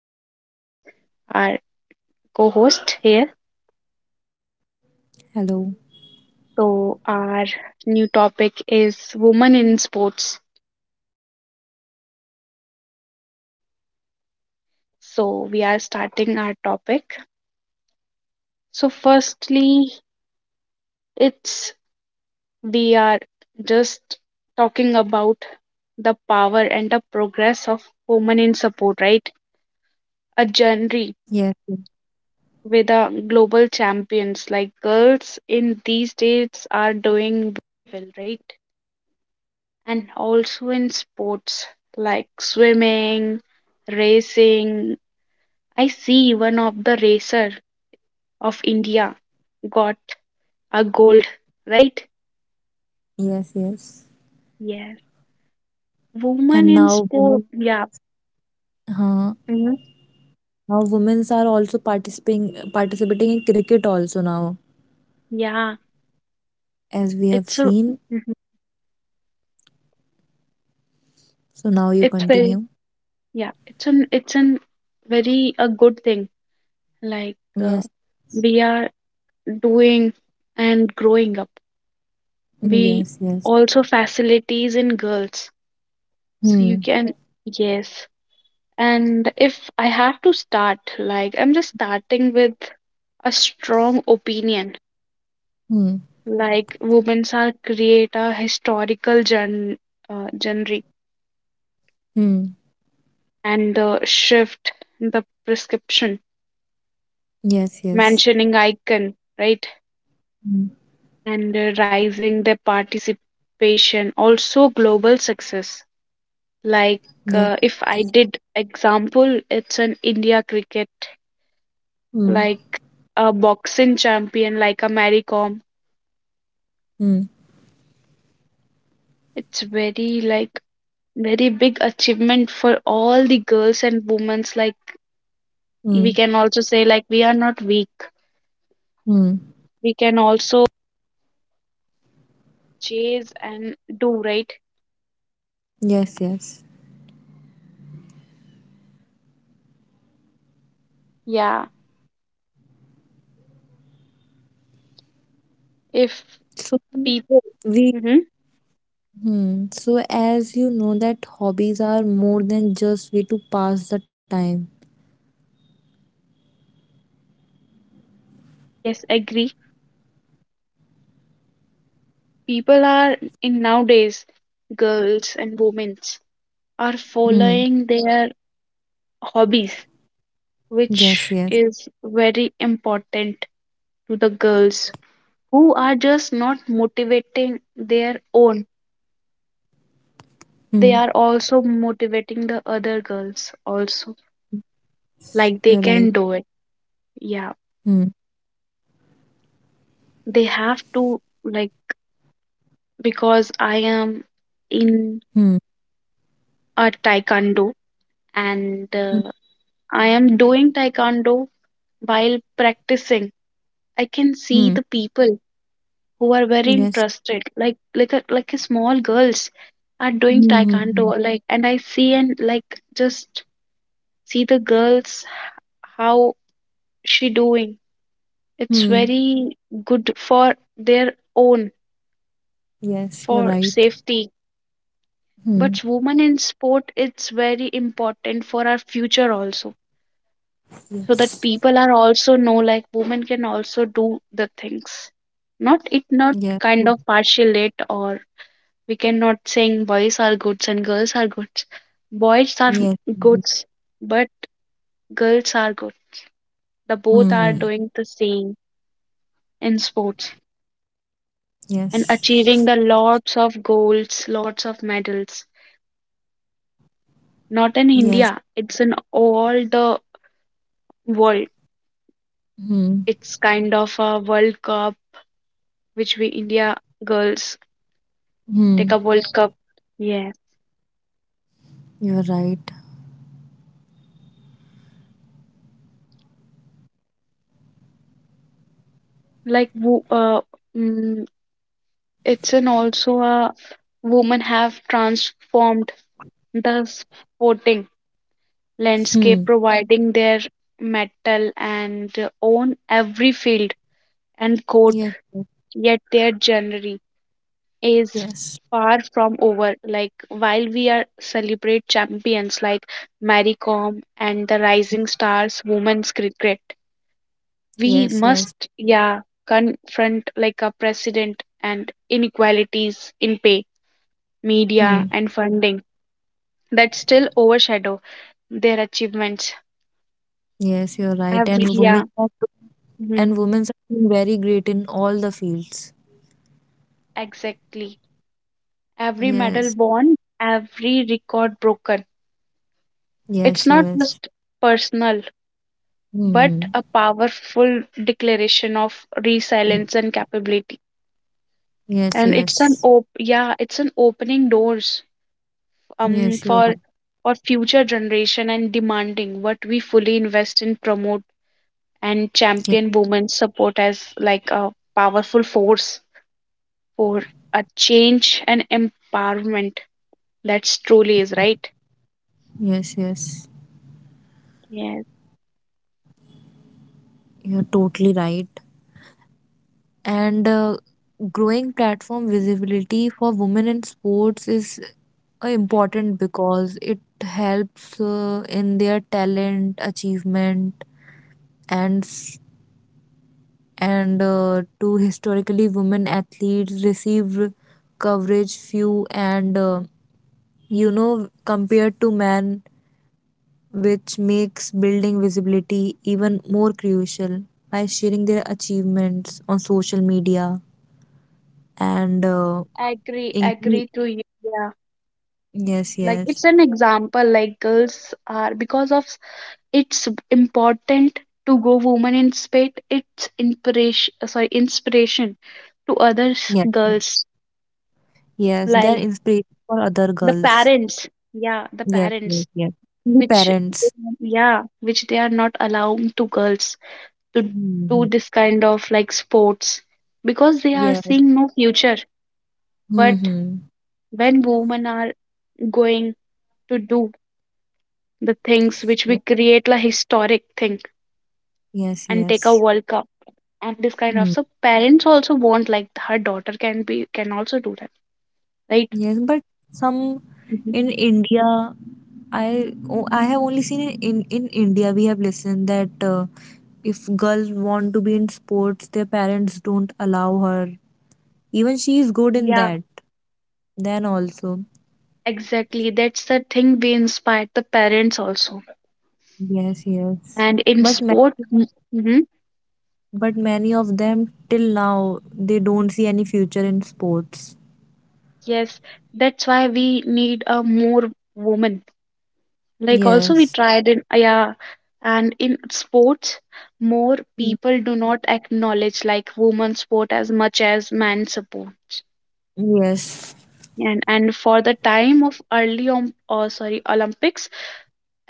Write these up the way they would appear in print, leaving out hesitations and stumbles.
here is our co host here. Hello. So, our new topic is women in sports. So, we are starting our topic. So, firstly, it's we are just talking about the power and the progress of women in support, right? A journey Yes, with the global champions like girls in these states are doing well, right? And also in sports like swimming, racing. I see one of the racer of India got a gold, right? yes, yes. Yes. Woman And in now sport. women, Yeah. huh, Hmm. now women are also participating in cricket also now, Yeah. as we have It's a seen. Mhm. So now you it's very continue. Yeah, it's an very a good thing. Like uh, Yes, we are doing and growing up. mm, We yes, yes. also facilities in girls. So you Hmm, can Yes. And if I have to start, like, I'm just starting with a strong opinion, hmm, like, women's are create a historical genre hmm. and the shift, the prescription, Yes, yes. mentioning icon, right? Hmm. And rising their participation, also global success. Like, Yes. if I did example, it's an India cricket, Hmm, like a boxing champion, like a Mary Kom. hmm, It's very like very big achievement for all the girls and women's like hmm, we can also say like we are not weak. hmm. We can also chase and do right. Yes, yes. Yeah. If So people, we hmm, hmm. So as you know that hobbies are more than just way to pass the time. yes, agree. People are in nowadays, girls and women's are Hmm. following their hobbies, Yes, which yes. is very important to the girls who are just not motivating their own. Hmm. They are also motivating the other girls also, like You're they right. can do it. Yeah. Hmm. They have to, like, because I am in Hmm. a taekwondo and Hmm. I am doing taekwondo while practicing I can see Hmm. the people who are very Yes. interested, like like a small girls are doing Hmm. Hmm. taekwondo, Hmm. like, and I see, and like just see the girls how she doing. It's Hmm. very good for their own Yes, you're for right. safety. Hmm. But women in sport, it's very important for our future also, so that Yes. people are also know like women can also do the things. Not it not Yes. Hmm. kind of partialate or we cannot saying boys are goods and girls are goods. Boys are Yes. Mhm. goods, but girls are good. The both are Hmm. doing the same in sports. And Yes. achieving the lots of golds, lots of medals. Not in Yes. India, it's in all the world. Hmm. It's kind of a World Cup which we India girls take Hmm. a World Cup. Yes, You're right. like mm, it's an also a women have transformed the sporting landscape, Hmm. providing their metal and own every field and court. Yes. Yet their journey is Yes. far from over. Like while we are celebrate champions like Mary Kom and the rising stars women's cricket, we Yes. must, Yes. yeah, confront like a precedent and inequalities in pay, Hmm. media and funding that still overshadow their achievements. Yes, you're right. Every, And yeah, women are do- mhm, and women are doing very great in all the fields. exactly. Every medal Yes. won, every record broken. It's Yes. not Yes. just personal but Hmm. a powerful declaration of Hmm. resilience and capability. Yes. And, it's an Yes. op yeah, it's an opening doors um Yes. You're right. for for future generation and demanding what we fully invest in promote and Ye- champion women's support as like a powerful force for a change and empowerment that's truly is right. Yes. Yes. Yes. You're totally right. And growing platform visibility for women in sports is important because it helps in their talent, achievement, and s- and to historically women athletes receive coverage few and compared to men, which makes building visibility even more crucial by sharing their achievements on social media and. Agree Indeed. agree to you. Yeah. Yes, Like it's yes. an example like girls are because of it's important to go woman in spite it's inspiration sorry inspiration to others Yes. girls. Yes. They're Like inspiration for other the girls. parents, yeah, the Yes, parents yes, yes. The which, parents. yeah, which they are not allowing to girls to do Mm-hmm. this kind of like sports because they are Yes. seeing no future. But Mm-hmm. when women are going to do the things which we create like historic thing Yes, and take a yes. world cup and this kind of, Mm. so parents also want like her daughter can also do that, right? Yes, but some Mhm. in India, I have only seen in India we have listened that if girls want to be in sports, their parents don't allow her. Even she is good in Yeah, that. Then also, exactly that's the thing we inspired the parents also yes, yes. and in But ma- sport, mm-hmm, But many of them till now they don't see any future in sports. yes, that's why we need a more woman, like also we Yes. tried in, yeah, and in sports more Mm. people do not acknowledge like women's sport as much as man supports. Yes. And for the time of early oh, sorry, olympics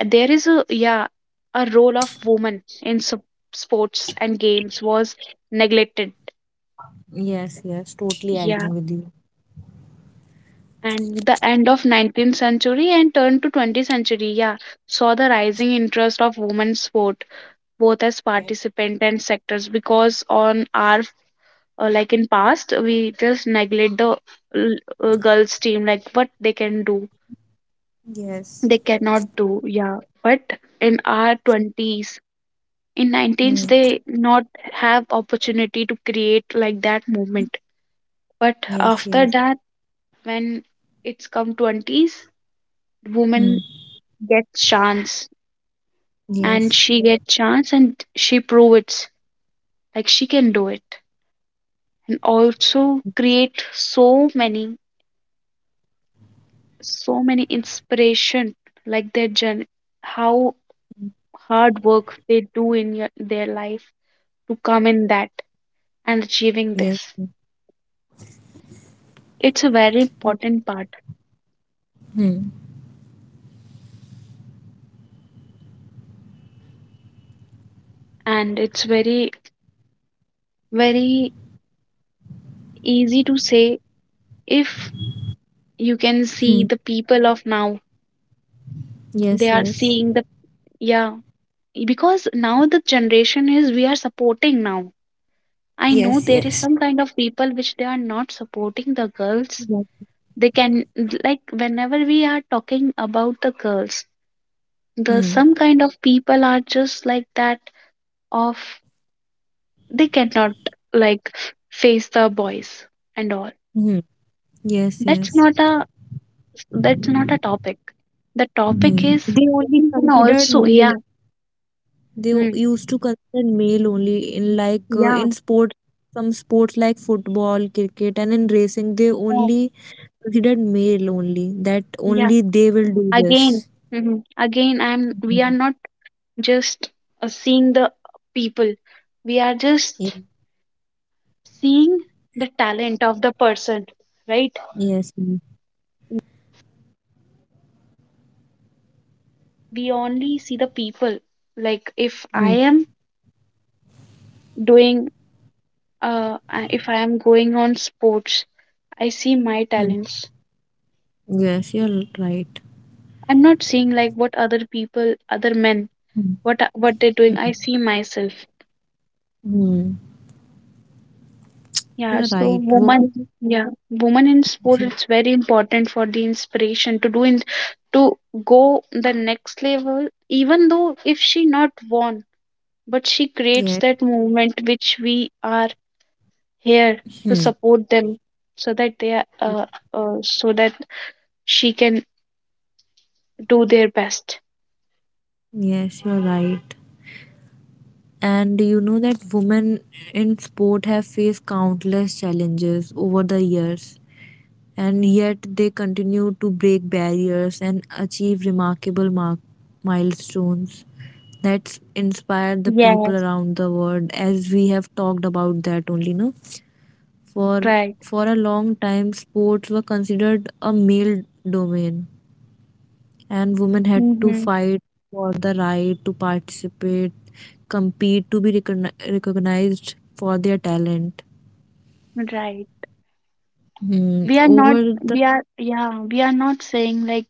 there is a, yeah, a role of women in sports and games was neglected. Yes, yes. Totally Yeah. agreeing with you. And the end of 19th century and turn to 20th century, yeah, saw the rising interest of women's sport both as Yes. participant and sectors because on our, like in past we just neglect the l- girls team like what they can do Yes. they cannot do, yeah, but in our 20s, in Hmm. 19s they not have opportunity to create like that movement, but Yes, yes. after that when it's come 20s woman Hmm. gets chance, and Yes. she gets chance and she proves like she can do it, and also create so many so many inspiration, like their journey how Hmm. hard work they do in your, their life to come in that and achieving Yes. this. Hmm. It's a very Yep. important part, Hmm. and it's very very easy to say if you can Hmm. see the people of now Yes, they are yes. seeing the, yeah, because now the generation is we are supporting now. I know Yes, there is yes. some kind of people which they are not supporting the girls. Yes. They can, like whenever we are talking about the girls, the Hmm. some kind of people are just like that, of they cannot like face the boys and all. Hmm. Yes, that's yes. not a That's not a topic. The topic Hmm. is They only women can consider also, male. yeah, They u- mm, used to consider male only in like yeah, in sports, some sports like football, cricket, and in racing, they oh, only considered male only. That yeah, only they will do this. again, mhm. Again, I'm we are Mhm. not just seeing the people, we are Ye- just seeing the talent of the person, right? Yes. Yes. We only see the people, like if Hmm. I am doing, if I am going on sports, I see my Hmm. talents, Yes, you're right. I'm not seeing like what other people other men Hmm. What they're doing, Hmm. I see myself. Hmm. Yeah. You're So right. woman, Women. yeah, woman in sport it's very important for the inspiration to do in to go the next level, even though if she not won but she creates Yes. that movement which we are here to Hmm. support them so that they are so that she can do their best. Yes, you're right. And you know that women in sport have faced countless challenges over the years, and yet they continue to break barriers and achieve remarkable milestones that inspire the people Yes, around the world, as we have talked about that only. No, for right, for a long time sports were considered a male domain, and women had to mm-hmm. fight for the right to participate, compete, to be recognized for their talent. Right, Hmm, we are not, over we are yeah, we are not saying like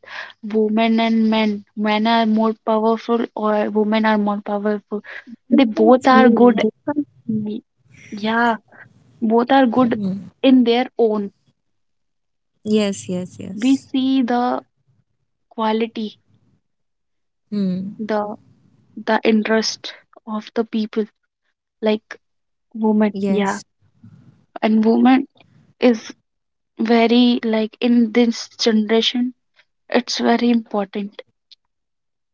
women and men are more powerful or women are more powerful. They both are good. the y- yeah, both are good in their own. Yes, yes, We yes. see the quality, Hmm. the the interest of the people, like Yes, women, yeah, and women is very like in this generation it's very important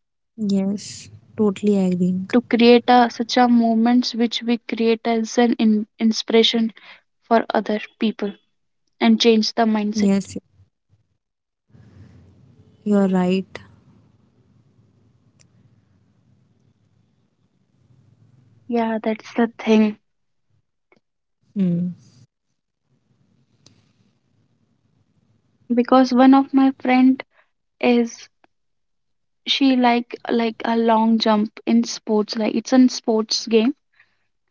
yes. Totally agreeing. to create a, such a moments which we create as an in, inspiration for other people and change the mindset. Yes, you're right. Yeah, that's the thing Hmm. because one of my friend is, she like a long jump in sports, like it's a sports game.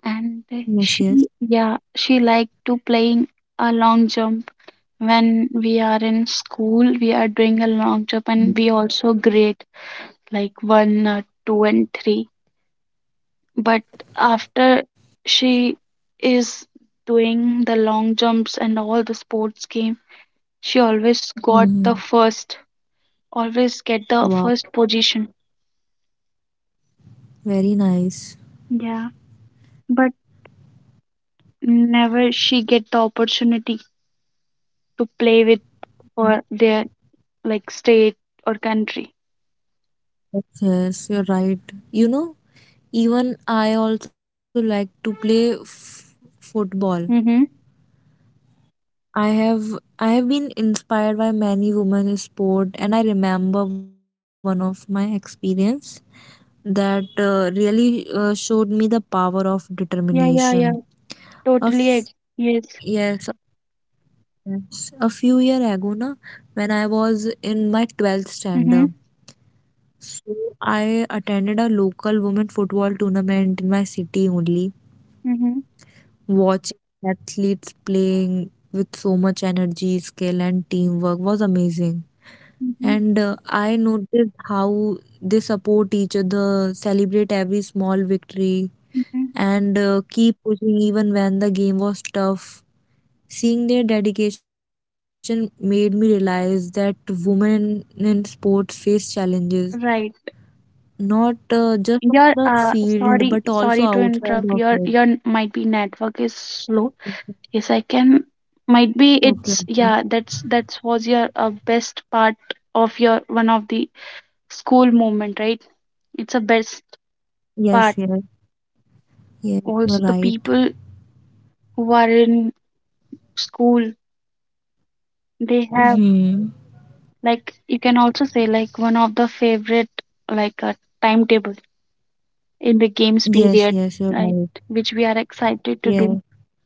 And Yes, she, yes. yeah, she like to playing a long jump. When we are in school we are doing a long jump and we also grade like one, two and three. But after she is doing the long jumps and all the sports game, she always got Mm-hmm. the first, always get the Wow. first position. Very nice. Yeah, but never she get the opportunity to play with for their like state or country, Yes, yes, you're right. You know, even I also like to play football. mm-hmm. I have I have been inspired by many women in sport, and I remember one of my experience that really showed me the power of Yeah, yeah, determination. yeah, A totally, f- yes, yes, yes, a few year ago, when I was in my 12th mm-hmm. standard, so I attended a local women football tournament in my city only, Mm-hmm. watching athletes playing with so much energy, skill, and teamwork was amazing. Mm-hmm. And I noticed how they support each other, celebrate every small victory, Mm-hmm. and keep pushing even when the game was tough. Seeing their dedication made me realize that women in sports face challenges Right. not just on the your uh field but sorry also sorry to outside of interrupt, it. your might be network is slow. Yes, I can. Might be Okay, it's, okay. yeah. That's was your, best part of your one of the school moment, right? It's a best Yes, part. yes, yes, you're Also, the right. people who are in school, they have Hmm. like you can also say like one of the favorite like a timetable in the games period, Yes, right? yes, you're right. Which we are excited to do. Yes,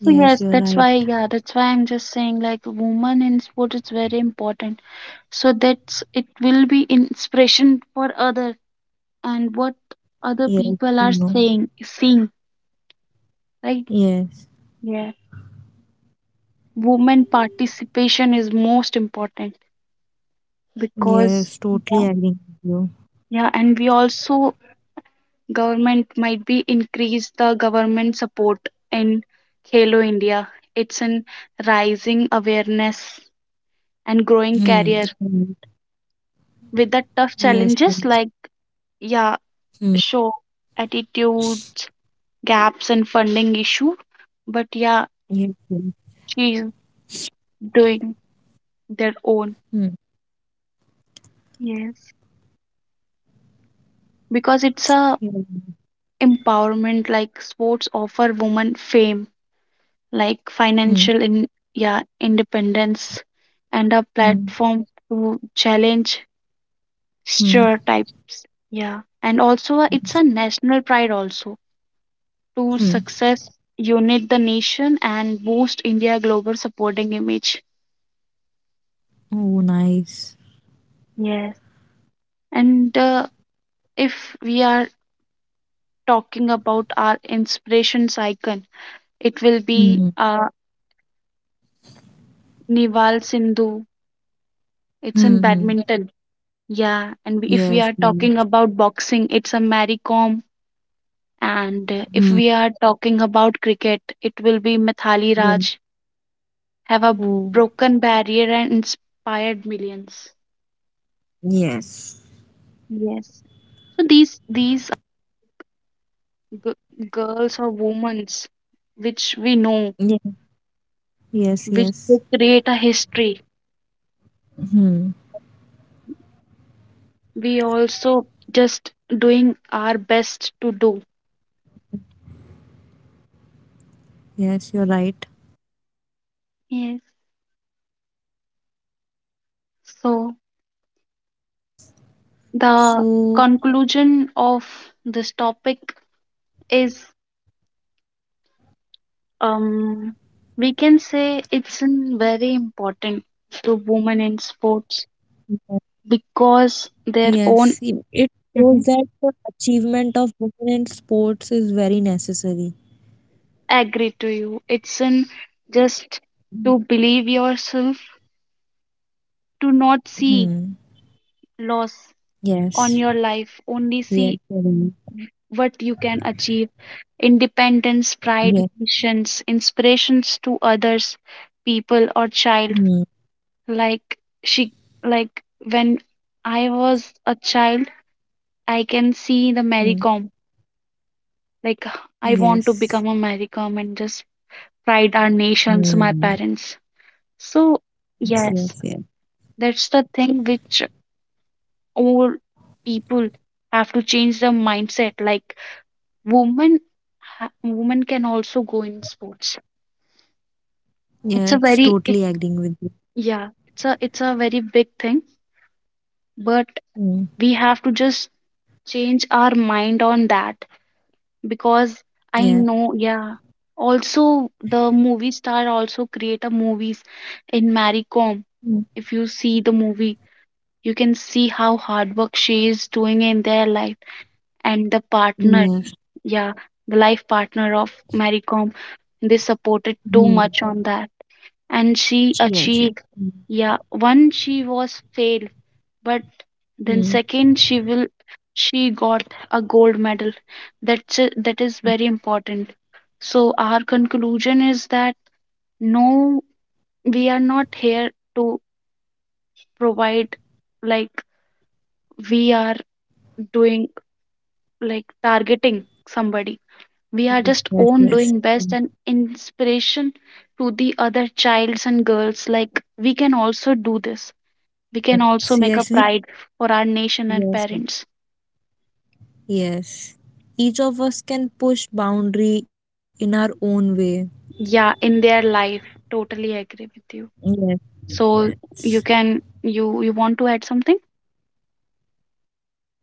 So yes, that's yes, why, you're yeah, right. that's why I'm just saying like woman in sport is very important, so that's it will be inspiration for other and what other people are Yes, you saying know. seeing, right? Yes, Yeah, women participation is most important because, yeah, yes, totally agree with you. yeah, and we also government might be increase the government support in Halo India, it's an rising awareness and growing career Hmm. Right. with the tough challenges like, Yes, yes. yeah, show Hmm. attitudes, gaps and funding issue, but, yeah, Yes, she's yes. doing their own. Hmm. Yes, because it's a Yeah. empowerment like sports offer women fame like financial in, Mm, yeah, independence, and a platform to mm, challenge stereotypes, mm, yeah, and also it's a national pride also to success mm. unite the nation and boost india global supporting image. Oh, nice. Yes, and if we are talking about our inspiration's icon, it will be Mm, Nival Sindhu. It's in badminton. mm, mm. Yeah, and if we are talking Yes, about yes. boxing, it's a Mary Kom. And if we are talking Mm, about cricket, it will be Mithali Raj. yeah. Have a broken Oh, barrier and inspired millions. yes. Yes. So these g- girls or women, which we know, Yeah. which they Yes, create a yes. history, Hmm. we also just doing our best to do. Yes, you're right. Yes. So the So, conclusion of this topic is um we can say it's an very important to women in sports yeah, because their yes, own. it shows Mhm. that the achievement of women in sports is very necessary. Agree to you. It's in just to believe yourself, to not see Hmm. loss on your Yes. life, only see Yes, you're right. what you can achieve, independence, pride, Yes. missions, inspirations to others, people or child. Hmm. Like she, like when I was a child, I can see the Mary Kom. Hmm. Like I want to become a Yes. Mary Kom and just pride our nations, my Hmm. parents. So Yes, yes, yes, yes. that's the thing which all people have to change the mindset. Like women, women can also go in sports, it's a very it, Yes, totally agreeing with you. yeah, it's a very big thing. But we Mm, have to just change our mind on that because I know, yeah. yeah, also the movie star also create a movies in Marie Kom. If you Mm, see the movie you can see how hard work she is doing in their life, and the partner, yes. yeah, the life partner of Marie Kom. They supported too much on that Mhm. and she achieved, Yes, yes. yeah, Mm, one she was failed but then second Mm. She got a gold medal. That's it, that is very Mhm. important. So our conclusion is that no we are not here to provide like we are doing like targeting somebody, we are just own doing Yes, best and yes. Mm, inspiration to the other childs and girls like we can also do this, we can also make a pride Yes, for yes, our nation and parents, Yes. Yes. Yes. Each of us can push boundary in our own way. yeah, in their life. Totally agree with you. Yes. So Yes. you want to add something?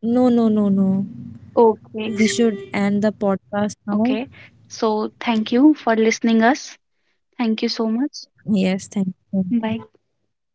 No, no, no, no. Okay, We should end the podcast okay, now. so thank you for listening us, thank you so much, Yes, thank you so bye. much.